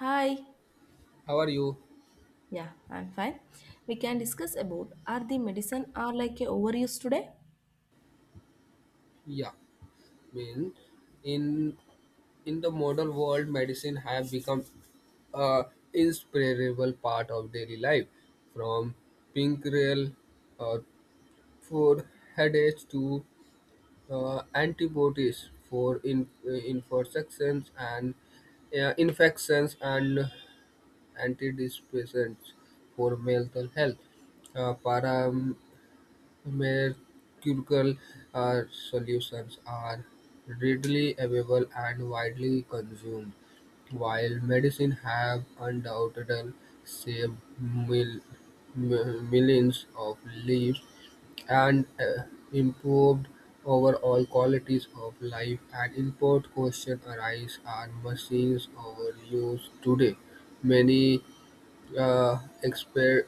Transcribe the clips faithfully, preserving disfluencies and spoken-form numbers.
Hi. How are you? Yeah, I'm fine. We can discuss about are the medicine are like a overuse today? Yeah. I mean, in in the modern world, medicine have become a inseparable part of daily life, from pancreal uh, for headaches to uh, antibodies for in, uh, infections and uh, infections and antidepressants for mental health. Uh, param Mercurial uh, solutions are readily available and widely consumed, while medicine have undoubtedly saved mil- mi- millions of lives and uh, improved overall qualities of life. An important question arises: Are machines overused today? Many uh, expert,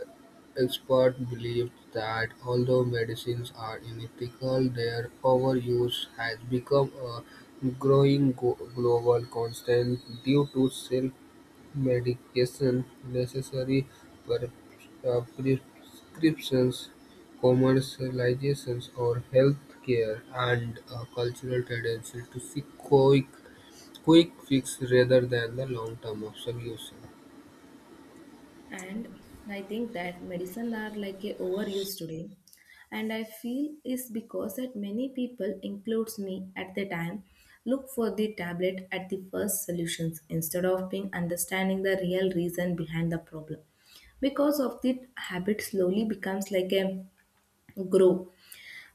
experts believe that although medicines are unethical, their overuse has become a growing go- global constant due to self-medication, necessary per- uh, prescriptions, commercializations, or healthcare, and a cultural tendency to seek quick, quick fix rather than the long-term of solution. And I think that medicine are like a overuse today. And I feel is because that many people, includes me at the time, look for the tablet at the first solutions instead of being understanding the real reason behind the problem because of the habit slowly becomes like a grow.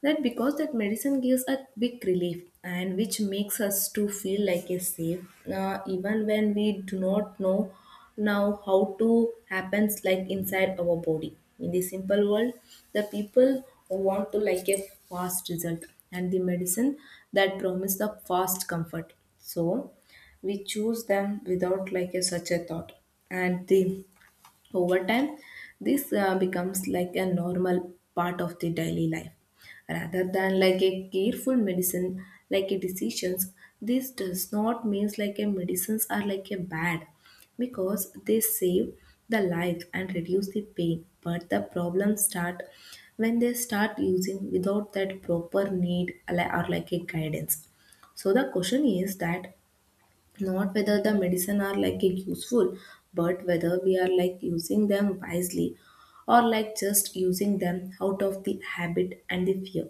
That because that medicine gives a quick relief and which makes us to feel like a safe, uh, even when we do not know now how to happens like inside our body. In the simple world, the people want to like a fast result and the medicine that promise the fast comfort, so we choose them without like a such a thought. And the over time, this uh, becomes like a normal part of the daily life. Rather than like a careful medicine, like a decisions, this does not means like a medicines are like a bad because they save the life and reduce the pain. But the problems start when they start using without that proper need like- or like a guidance. So the question is that not whether the medicine are like a useful but whether we are like using them wisely or like just using them out of the habit and the fear.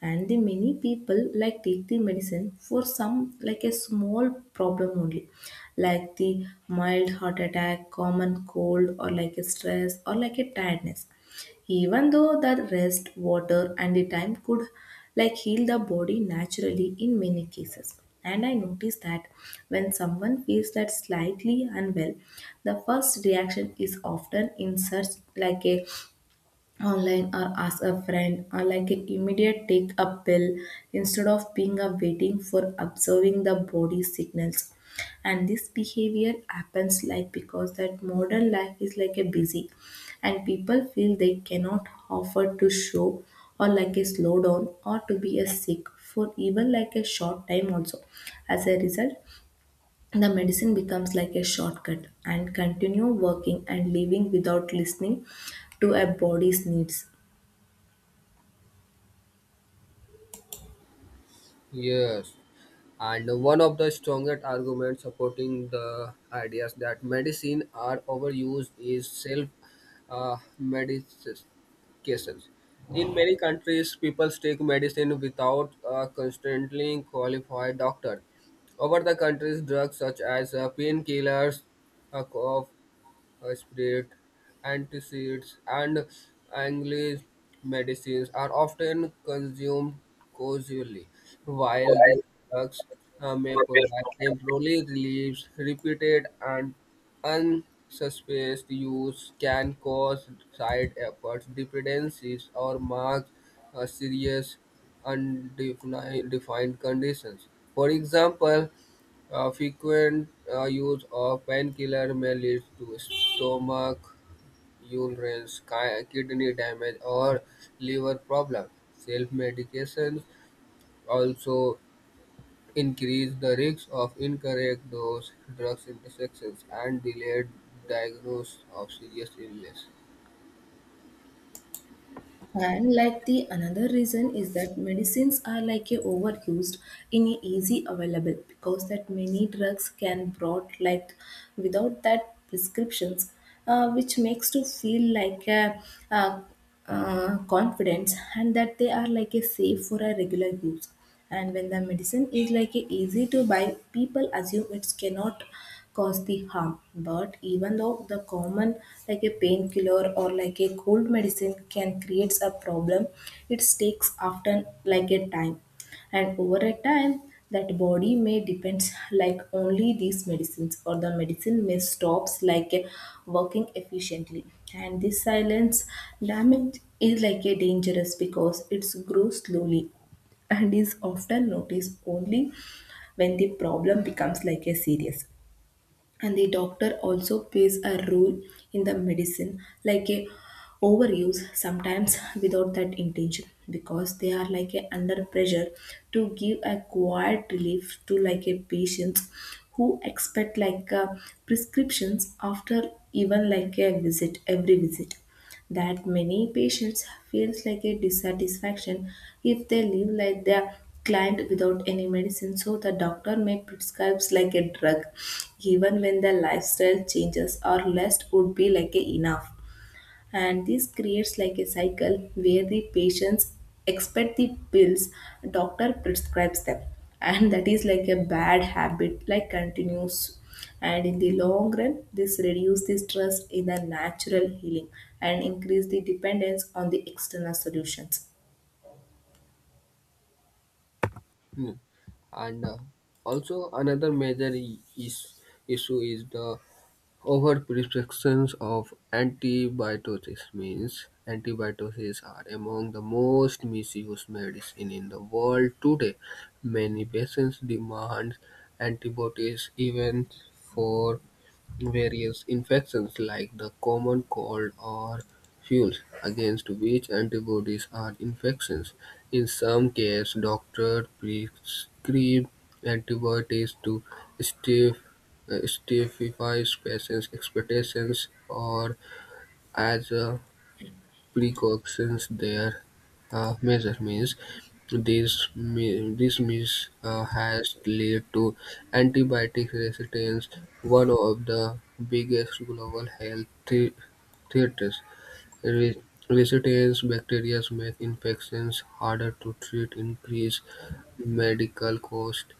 And the many people like take the medicine for some like a small problem only, like the mild heart attack, common cold, or like a stress or like a tiredness, even though the rest water and the time could like heal the body naturally in many cases. And I noticed that when someone feels that slightly unwell, the first reaction is often in search like a online or ask a friend or like an immediate take a pill, instead of being a waiting for observing the body signals. And this behavior happens like because that modern life is like a busy and people feel they cannot offer to show or like a slowdown or to be a sick for even like a short time also. As a result, the medicine becomes like a shortcut and continue working and living without listening to a body's needs. Yes. And one of the strongest arguments supporting the ideas that medicine are overused is self uh, medication. In many countries, people take medicine without a constantly qualified doctor. Over the countries, drugs such as uh, painkillers, uh, cough uh, spirit, antacids, and English medicines are often consumed causally, while these drugs uh, may provide temporary relief. Repeated and unsuspected use can cause side effects, dependencies, or marks uh, serious undefined defined conditions. For example, uh, frequent uh, use of painkiller may lead to stomach ulcers, ki- kidney damage, or liver problems. Self-medications also increase the risk of incorrect dose, drugs interactions, and delayed diagnosis of serious illness. And like the another reason is that medicines are like a overused in a easy available because that many drugs can brought like without that prescriptions, uh, which makes to feel like a, uh, uh, confidence and that they are like a safe for a regular use. And when the medicine is like a easy to buy, people assume it cannot cause the harm. But even though the common like a painkiller or like a cold medicine can create a problem, it takes often like a time. And over a time, that body may depends like only these medicines or the medicine may stops like a working efficiently. And this silence damage is like a dangerous because it's grows slowly and is often noticed only when the problem becomes like a serious. And the doctor also plays a role in the medicine like a overuse sometimes without that intention because they are like a under pressure to give a quiet relief to like a patients who expect like a prescriptions after even like a visit every visit. That many patients feels like a dissatisfaction if they live like their client without any medicine, so the doctor may prescribe like a drug even when the lifestyle changes or less would be like a enough. And this creates like a cycle where the patients expect the pills, doctor prescribes them and that is like a bad habit like continues. And in the long run, this reduces the stress in the natural healing and increase the dependence on the external solutions. Hmm. And uh, also another major i- is, issue is the overprescriptions of antibiotics means antibiotics are among the most misused medicine in the world today. Many patients demand antibiotics even for various infections like the common cold or fuels against which antibodies are infections. In some cases, doctors prescribe antibiotics to stif- uh, stify patients' expectations or as a precautions there uh, measure means. This, mi- this mis uh, has led to antibiotic resistance, one of the biggest global health thre- threats. Re- Resistance bacteria make infections harder to treat, increase medical cost.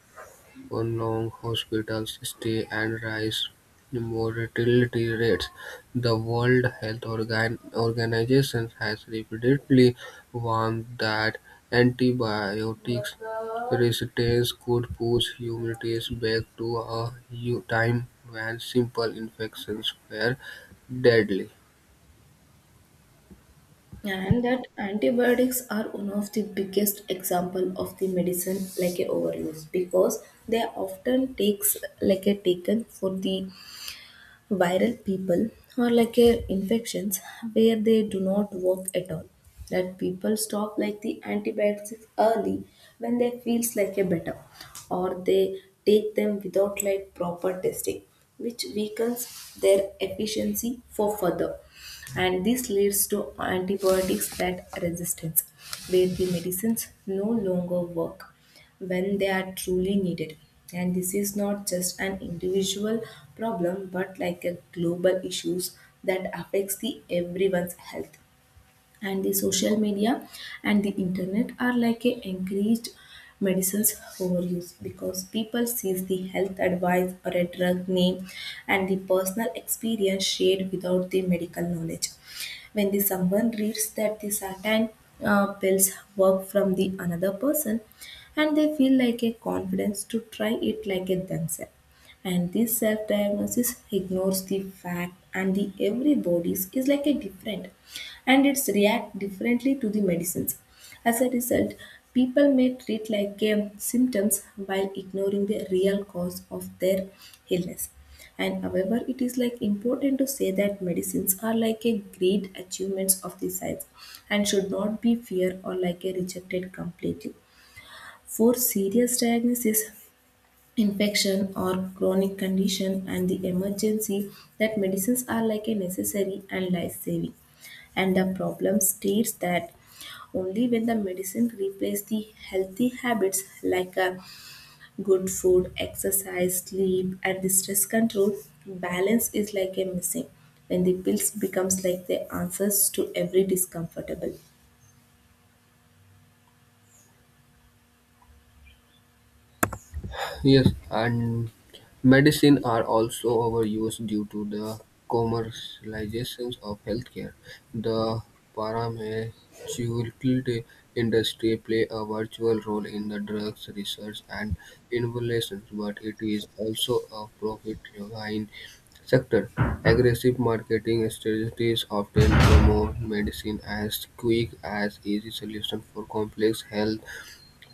On long hospital stay and rise mortality rates. The World Health Organ- Organization has repeatedly warned that antibiotics resistance could push humanity back to a u- time when simple infections were deadly. And that antibiotics are one of the biggest example of the medicine like a overuse because they often takes like a taken for the viral people are like a infections where they do not work at all. That people stop like the antibiotics early when they feels like a better, or they take them without like proper testing, which weakens their efficiency for further. And this leads to antibiotics that resistance where the medicines no longer work when they are truly needed. And this is not just an individual problem, but like a global issues that affects the everyone's health. And the social media and the internet are like a encouraged medicines overuse because people sees the health advice or a drug name and the personal experience shared without the medical knowledge. When the someone reads that the certain uh, pills work from the another person, and they feel like a confidence to try it like it themselves. And this self-diagnosis ignores the fact and the every bodies is like a different and it's react differently to the medicines. As a result, people may treat like um, symptoms while ignoring the real cause of their illness. And however, it is like important to say that medicines are like a great achievements of the science and should not be feared or like a rejected completely. For serious diagnosis, infection or chronic condition and the emergency, that medicines are like a necessary and life saving. And the problem states that only when the medicine replace the healthy habits like a good food, exercise, sleep and the stress control, balance is like a missing, when the pills becomes like the answers to every discomfortable. Yes, and medicine are also overused due to the commercializations of healthcare. The pharmaceutical industry play a virtual role in the drugs research and innovations, but it is also a profit-driven sector. Aggressive marketing strategies often promote medicine as quick as easy solution for complex health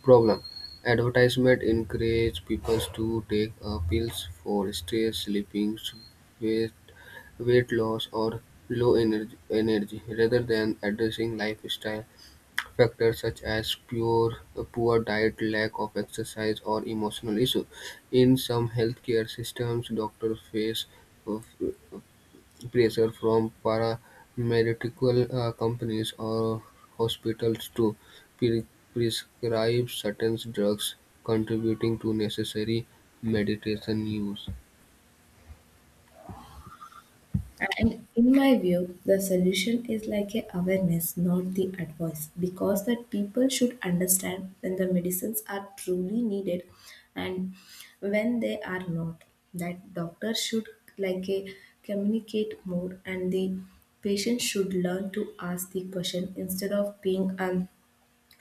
problem. Advertisement encourage people to take uh, pills for stress, sleeping, weight, weight loss, or low energy, energy rather than addressing lifestyle factors such as pure, poor diet, lack of exercise, or emotional issues. In some healthcare systems, doctors face uh, pressure from pharmaceutical uh, companies or hospitals to pre- prescribe certain drugs, contributing to necessary medication use. And in my view, the solution is like a awareness, not the advice, because that people should understand when the medicines are truly needed and when they are not. That doctor should like a communicate more, and the patient should learn to ask the question instead of being um,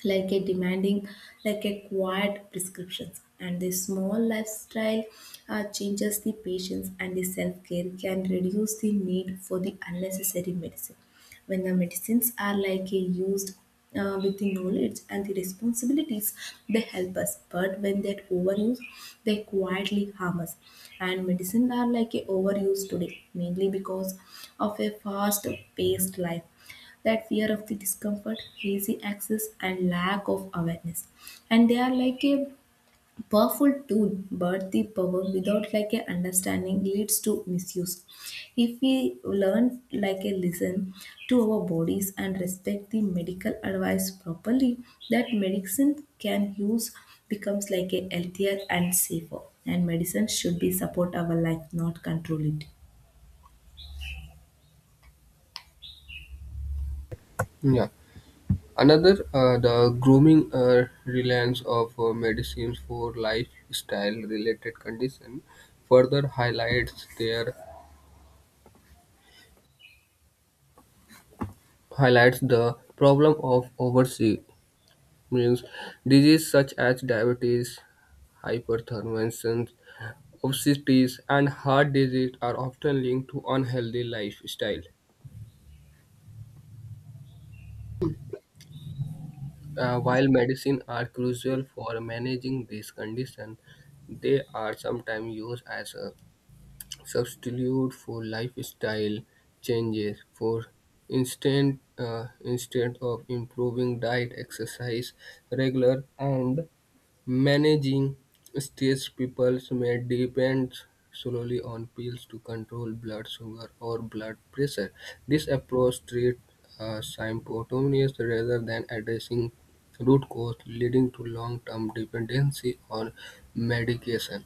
like a demanding like a quiet prescriptions. And the small lifestyle uh, changes the patients and the self-care can reduce the need for the unnecessary medicine. When the medicines are like a used uh, with the knowledge and the responsibilities, they help us, but when that overuse, they quietly harm us. And medicine are like a overuse today mainly because of a fast paced life, that fear of the discomfort, hazy access, and lack of awareness. And they are like a powerful tool, but the power without like a understanding leads to misuse. If we learn like a listen to our bodies and respect the medical advice properly, that medicine can use becomes like a healthier and safer. And medicine should be support our life, not control it. Yeah. Another, uh, the grooming uh, reliance of uh, medicines for lifestyle-related condition further highlights their highlights the problem of overseas means disease such as diabetes, hypertension, obesity and heart disease are often linked to unhealthy lifestyle. Uh, while medicine are crucial for managing this condition, they are sometimes used as a substitute for lifestyle changes. For instance, uh, instead of improving diet, exercise, regular and managing stage peoples may depend solely on pills to control blood sugar or blood pressure. This approach treats uh, symptoms rather than addressing root cause, leading to long-term dependency on medication.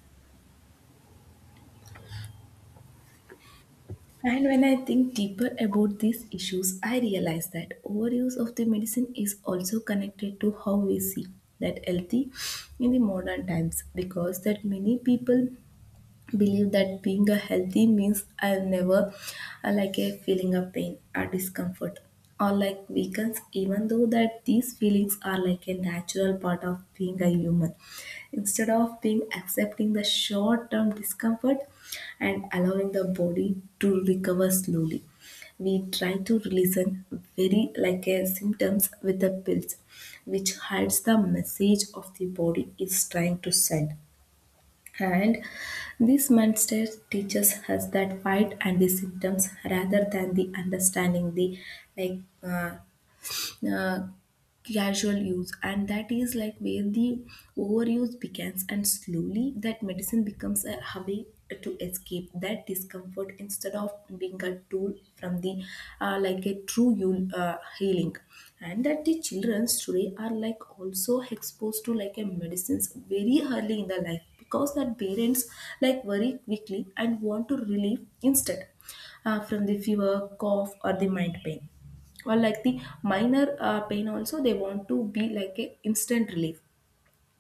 And when I think deeper about these issues, I realize that overuse of the medicine is also connected to how we see that healthy in the modern times because that many people believe that being a healthy means I'll never uh, like a feeling of pain or discomfort or like weakness, even though that these feelings are like a natural part of being a human. Instead of being accepting the short-term discomfort and allowing the body to recover slowly, we try to release an very like a symptoms with the pills, which hides the message of the body is trying to send. And this mindset teaches us that fight and the symptoms rather than the understanding the like uh, uh, casual use, and that is like where the overuse begins. And slowly that medicine becomes a hobby to escape that discomfort instead of being a tool from the uh, like a true yul- uh, healing. And that the childrens today are like also exposed to like a medicines very early in the life because that parents like very quickly and want to relieve instead uh, from the fever cough or the mind pain or like the minor uh, pain also they want to be like a instant relief.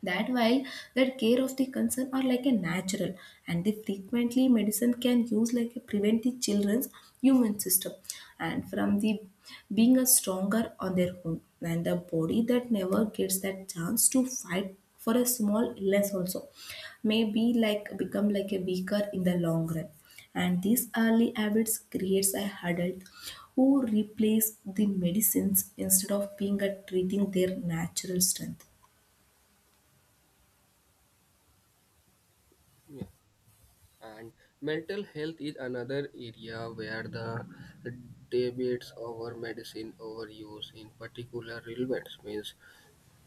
That while that care of the concern are like a natural and they frequently medicine can use like a prevent the children's human system and from the being a stronger on their own. And the body that never gets that chance to fight for a small illness also may be like become like a weaker in the long run. And these early habits creates a adult who replace the medicines instead of being a treating their natural strength. Yeah. And mental health is another area where the debates over medicine overuse in particular relevant means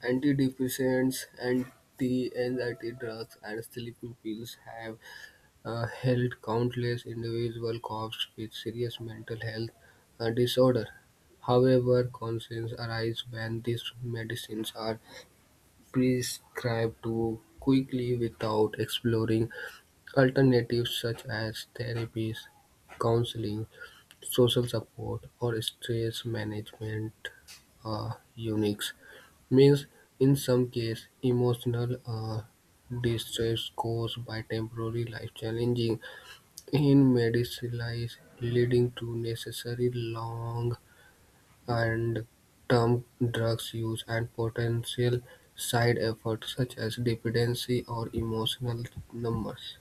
antidepressants, anti-anxiety drugs, and sleeping pills have uh, helped countless individuals cope with serious mental health uh, disorder. However, concerns arise when these medicines are prescribed too quickly without exploring alternatives such as therapies, counseling, social support or stress management uh, units means in some cases emotional uh, distress caused by temporary life challenging in medicalized leading to necessary long and term drugs use and potential side effects such as dependency or emotional numbers.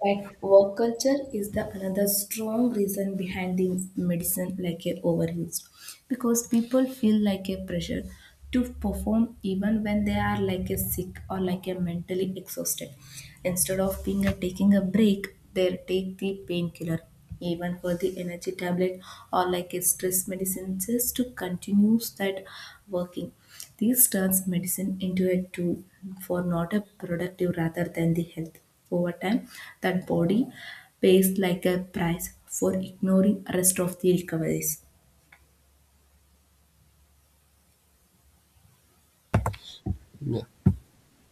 Fact, work culture is the another strong reason behind the medicine like a overuse because people feel like a pressure to perform even when they are like a sick or like a mentally exhausted. Instead of being a taking a break, they take the painkiller even for the energy tablet or like a stress medicine just to continue that working. This turns medicine into a tool for not a productive rather than the health. Over time, that body pays like a price for ignoring rest of the recoveries. Yeah.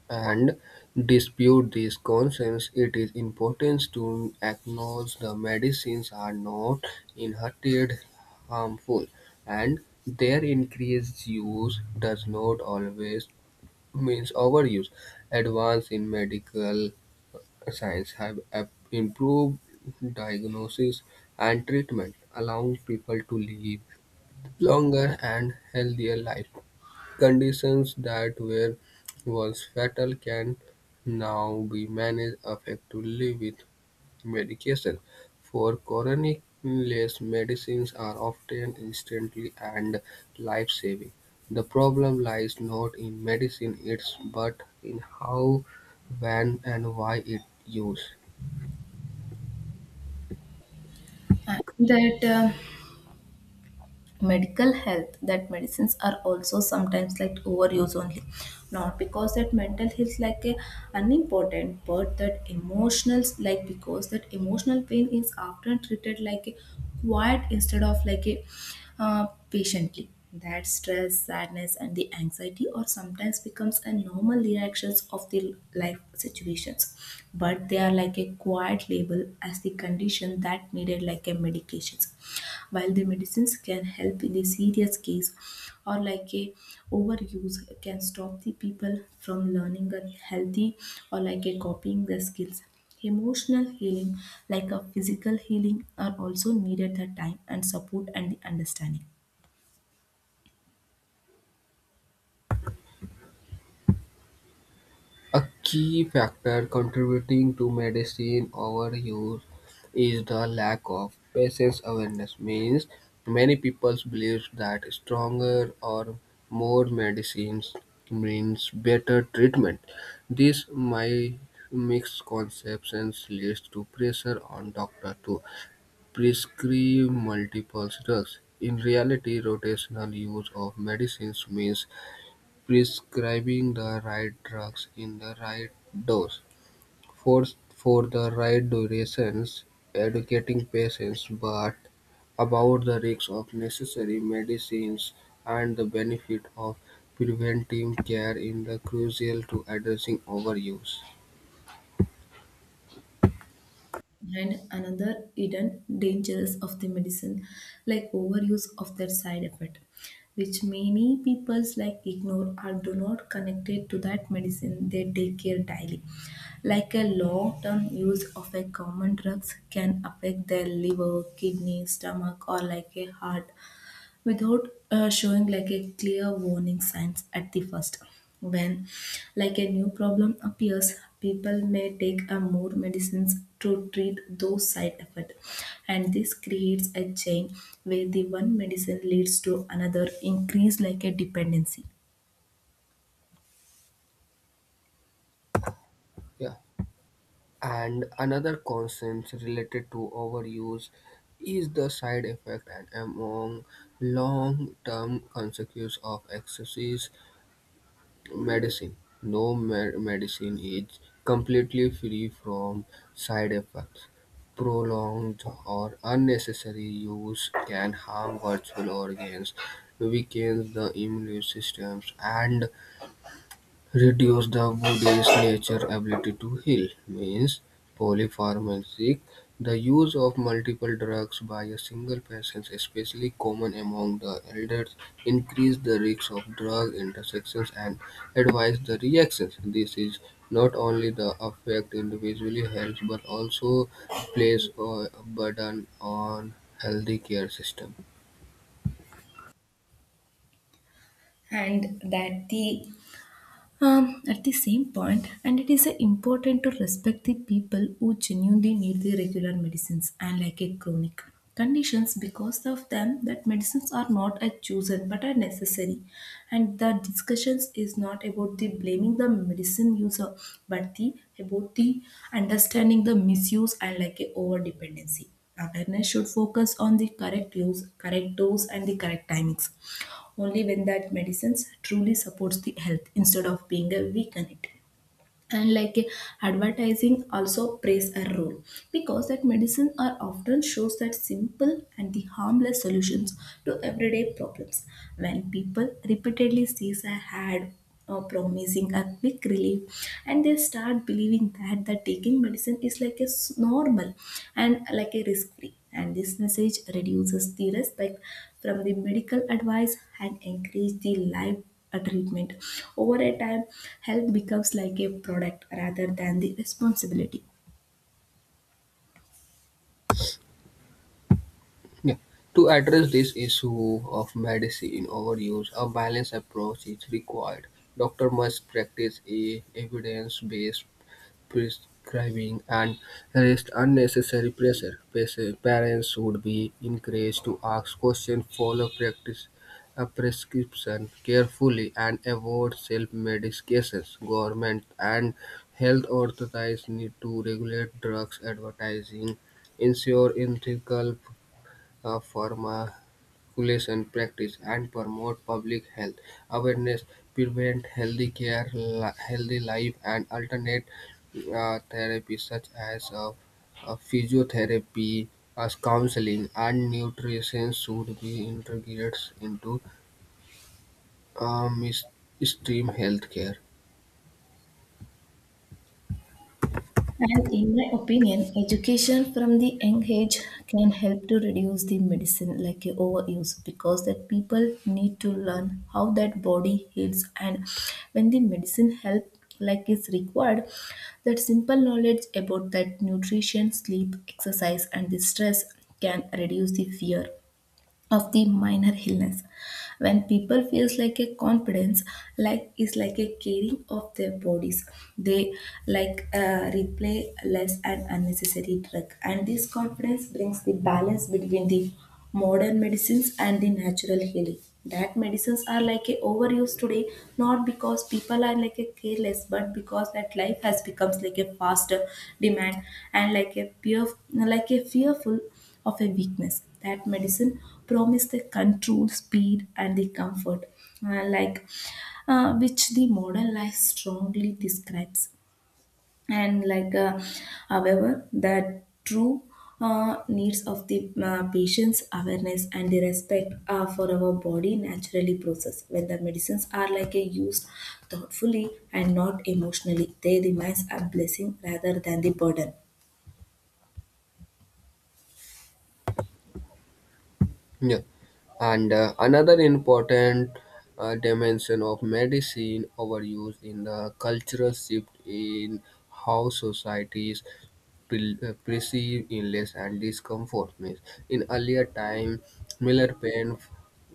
And dispute these concerns, it is important to acknowledge the medicines are not inherently harmful, and their increased use does not always means overuse. Advances in medical science have ap- improved diagnosis and treatment, allowing people to live longer and healthier lives. Conditions that were once fatal can now be managed effectively with medication. For chronic illness, medicines are often instantly and life-saving. The problem lies not in medicine itself, but in how, when, and why it used. And that uh, medical health, that medicines are also sometimes like overuse only. Not because that mental health like a unimportant, but that emotional like because that emotional pain is often treated like a quiet instead of like a uh, patiently. That stress, sadness, and the anxiety, or sometimes becomes a normal reactions of the life situations, but they are like a quiet label as the condition that needed like a medications. While the medicines can help in the serious case, or like a overuse can stop the people from learning a healthy or like a copying the skills. Emotional healing, like a physical healing, are also needed the time and support and the understanding. A key factor contributing to medicine overuse is the lack of patient awareness. Means many people believe that stronger or more medicines means better treatment. This my misconceptions leads to pressure on doctor to prescribe multiple drugs. In reality, rotational use of medicines means prescribing the right drugs in the right dose for for the right durations, educating patients but about the risks of necessary medicines and the benefit of preventive care in the crucial to addressing overuse. And another hidden dangers of the medicine, like overuse of their side effect, which many peoples like ignore or do not connected to that medicine they take care daily. Like a long-term use of a common drugs can affect their liver, kidney, stomach, or like a heart without uh, showing like a clear warning signs at the first, when like a new problem appears, people may take a more medicines to treat those side effects, and this creates a chain where the one medicine leads to another, increase like a dependency. Yeah. And another concern related to overuse is the side effect and among long-term consequences of excessive medicine. No med- medicine is completely free from side effects. Prolonged or unnecessary use can harm virtual organs, weakens the immune systems, and reduce the body's nature ability to heal means polypharmacy. The use of multiple drugs by a single patient, especially common among the elders, increase the risks of drug intersections and advise the reactions. This is not only the affect individually health but also place a burden on healthy care system. And that the Um, at the same point, and it is uh, important to respect the people who genuinely need the regular medicines and like a chronic conditions, because of them that medicines are not a chosen but are necessary. And the discussions is not about the blaming the medicine user, but the about the understanding the misuse and like a over dependency. Awareness should focus on the correct use, correct dose, and the correct timings, only when that medicines truly supports the health instead of being a weaken it. And like, advertising also plays a role, because that medicine are often shows that simple and the harmless solutions to everyday problems. When people repeatedly sees a ad or promising a quick relief, and they start believing that the taking medicine is like a s- normal and like a risk free, and this message reduces the respect from the medical advice and encourage the life a treatment. Over a time, health becomes like a product rather than the responsibility. Yeah. To address this issue of medicine overuse, a balanced approach is required. Doctor must practice a evidence-based prescribing and resist unnecessary pressure. Pasi- Parents would be encouraged to ask questions, follow practice a prescription carefully, and avoid self-medications. Government and health authorities need to regulate drugs advertising ensure ethical a pharmacovigilant practice, and promote public health awareness, prevent healthy care, li- healthy life, and alternate uh, therapies such as uh, uh, physiotherapy, as counseling, and nutrition should be integrated into uh, mis- stream healthcare. And in my opinion, education from the young age can help to reduce the medicine like a overuse, because that people need to learn how that body heals and when the medicine help like is required. That simple knowledge about that nutrition, sleep, exercise and the stress can reduce the fear of the minor illness. When people feels like a confidence like is like a caring of their bodies, they like uh, replay less and unnecessary drug, and this confidence brings the balance between the modern medicines and the natural healing. That medicines are like a overused today, not because people are like a careless, but because that life has becomes like a faster demand and like a pure like a fearful of a weakness. That medicine promised the control, speed, and the comfort, uh, like uh, which the modern life strongly describes. And like, uh, However, the true uh, needs of the uh, patient's awareness and the respect uh, for our body naturally process. When the medicines are like a used thoughtfully and not emotionally, they remains a blessing rather than the burden. Yeah. And uh, another important uh, dimension of medicine overuse in the cultural shift in how societies pre- uh, perceive illness and discomfort. Means in earlier time, Miller pain,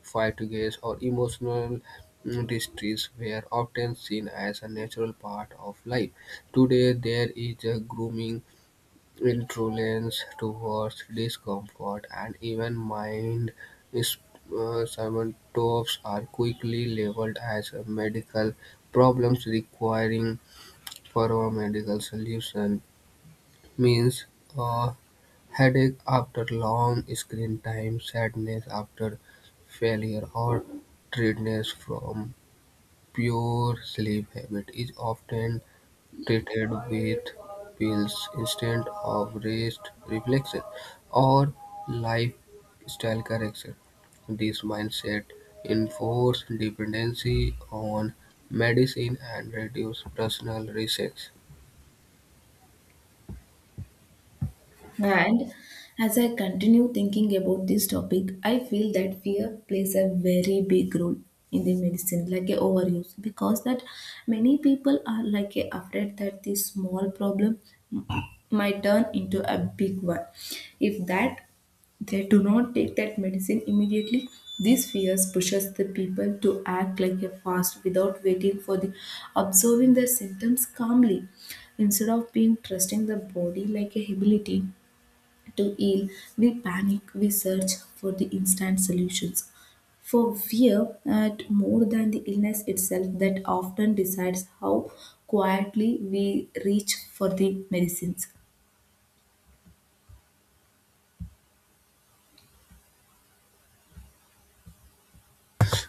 fatigues, or emotional mm, distress were often seen as a natural part of life. Today, there is a grooming intolerance towards discomfort and even mild is- uh, symptoms are quickly labeled as a medical problems requiring thorough medical solution. Means a headache after long screen time, sadness after failure, or tiredness from pure sleep habit is often treated with pills instead of rest reflection or lifestyle correction. This mindset enforces dependency on medicine and reduces personal risks. And as I continue thinking about this topic, I feel that fear plays a very big role in the medicine, like a overuse, because that many people are like a afraid that this small problem might turn into a big one. If that they do not take that medicine immediately, these fears pushes the people to act like a fast without waiting for the observing the symptoms calmly. Instead of being trusting the body like a ability, to ill, we panic, we search for the instant solutions. For fear, at more than the illness itself, that often decides how quietly we reach for the medicines.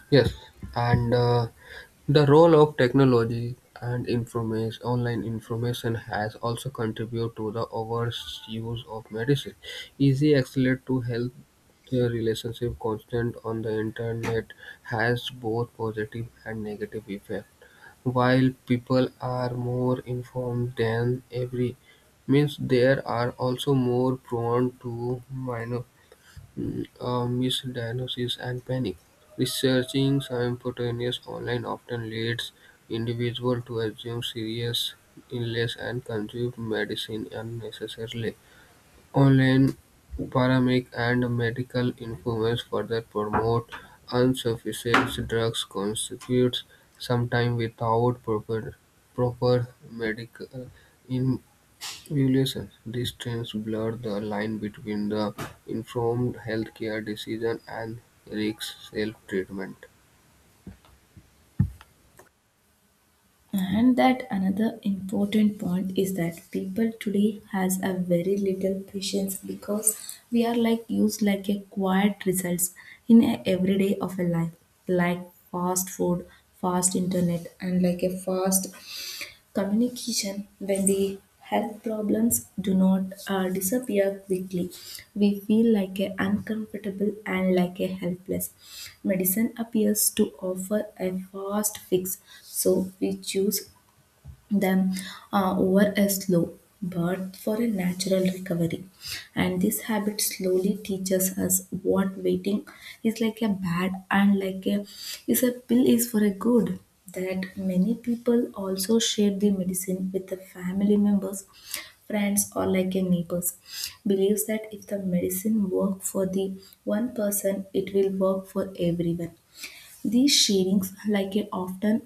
Yes, and uh, the role of technology and information, online information has also contributed to the overuse of medicine. Easy access to health care relationship constant on the internet has both positive and negative effects. While people are more informed than ever, means they are also more prone to minor uh, misdiagnosis and panic. Researching simultaneous online often leads individuals to assume serious illness and consume medicine unnecessarily. Online paramedic and medical influence further promote unsufficient drugs constitutes sometimes without proper proper medical in regulations. These trends blur the line between the informed healthcare decision and risk self-treatment. And that another important point is that people today has a very little patience, because we are like used like a quiet results in a everyday of a life, like fast food, fast internet, and like a fast communication. When the health problems do not uh, disappear quickly, we feel like a uncomfortable and like a helpless. Medicine appears to offer a fast fix, so we choose them uh, over a slow but for a natural recovery, and this habit slowly teaches us what waiting is like a bad and like a is a pill is for a good. That many people also share the medicine with the family members, friends, or like a neighbors, believes that if the medicine work for the one person, it will work for everyone. These sharings like a often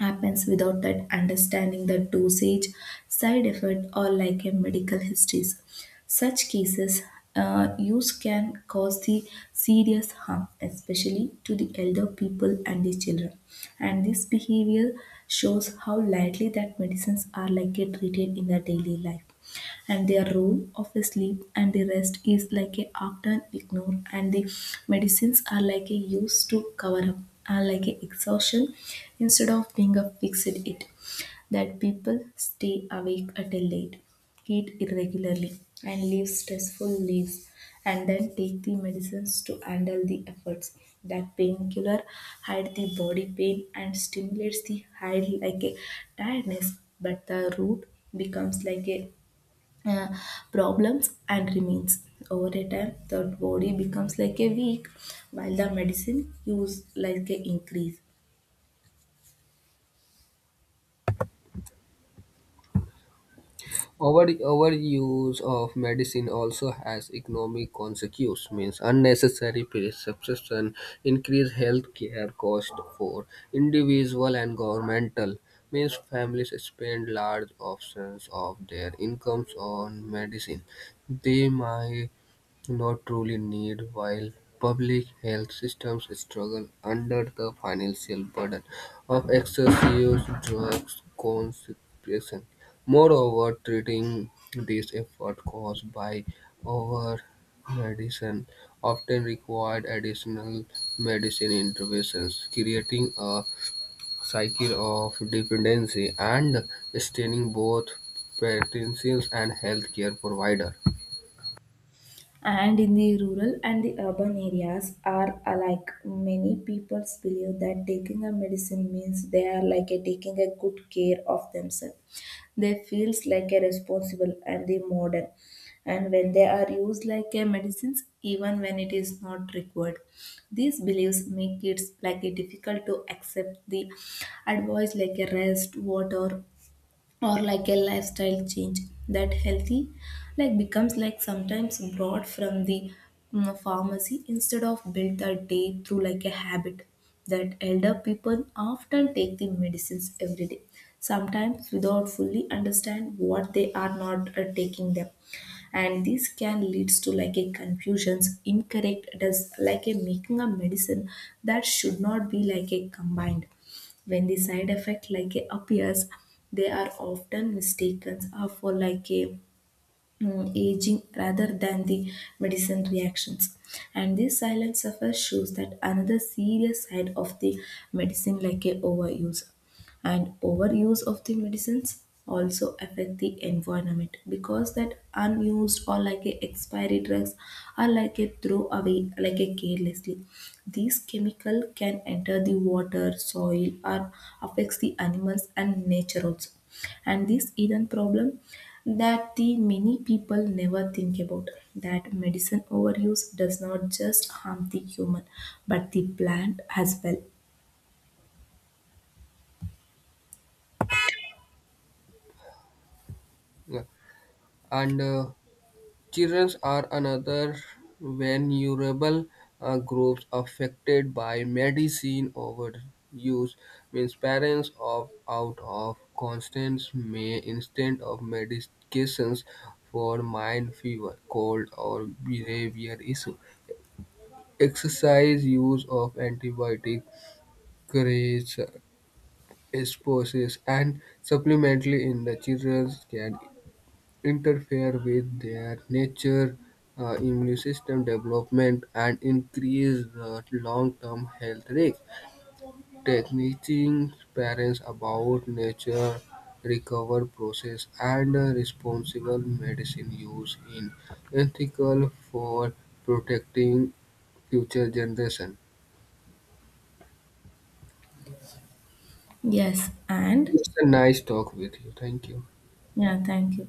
happens without that understanding the dosage, side effect, or like a medical histories. Such cases uh, use can cause the serious harm, especially to the elder people and the children. And this behavior shows how lightly that medicines are like a treated in the daily life, and their role of the sleep and the rest is like a often ignored, and the medicines are like a used to cover up are like a exhaustion instead of being a fixed it. That people stay awake at a late, eat irregularly, and live stressful lives, and then take the medicines to handle the efforts. That painkiller hide the body pain and stimulates the hide like a tiredness, but the root becomes like a uh, problems and remains. Over a time, the body becomes like a weak while the medicine use like a increase. Over- overuse of medicine also has economic consequences, means unnecessary prescription increase healthcare cost for individual and governmental. Means families spend large portions of their incomes on medicine. They might not truly need while public health systems struggle under the financial burden of excessive drugs consumption. Moreover, treating this effort caused by over medicine often required additional medicine interventions, creating a cycle of dependency and straining both patients and healthcare provider. And in the rural and the urban areas are alike. Many people believe that taking a medicine means they are like a taking a good care of themselves. They feels like a responsible and the modern. And when they are used like a medicines, even when it is not required, these beliefs make it like a difficult to accept the advice like a rest, water, or like a lifestyle change. That healthy like becomes like sometimes brought from the mm, pharmacy instead of built a day through like a habit. That elder people often take the medicines every day, sometimes without fully understand what they are not uh, taking them, and this can leads to like a confusions, incorrect does like a making a medicine that should not be like a combined. When the side effect like a appears, they are often mistaken are for like a mm, aging rather than the medicine reactions. And this silent suffer shows that another serious side of the medicine like a overuse. And overuse of the medicines also affect the environment, because that unused or like a expiry drugs are like a throw away like a carelessly. These chemical can enter the water, soil, or affects the animals and nature also. And this hidden problem that the many people never think about, that medicine overuse does not just harm the human, but the plant as well. And uh, children are another vulnerable uh, group affected by medicine overuse, means parents opt out of constant may instead of medications for mind fever, cold, or behavior issue. Exercise use of antibiotic creates exposures and supplementally in the children can interfere with their nature, uh, immune system development, and increase the long-term health risk. Teaching parents about nature recovery process and uh, responsible medicine use in ethical for protecting future generation. Yes. And It's a nice talk with you. Thank you. yeah, thank you.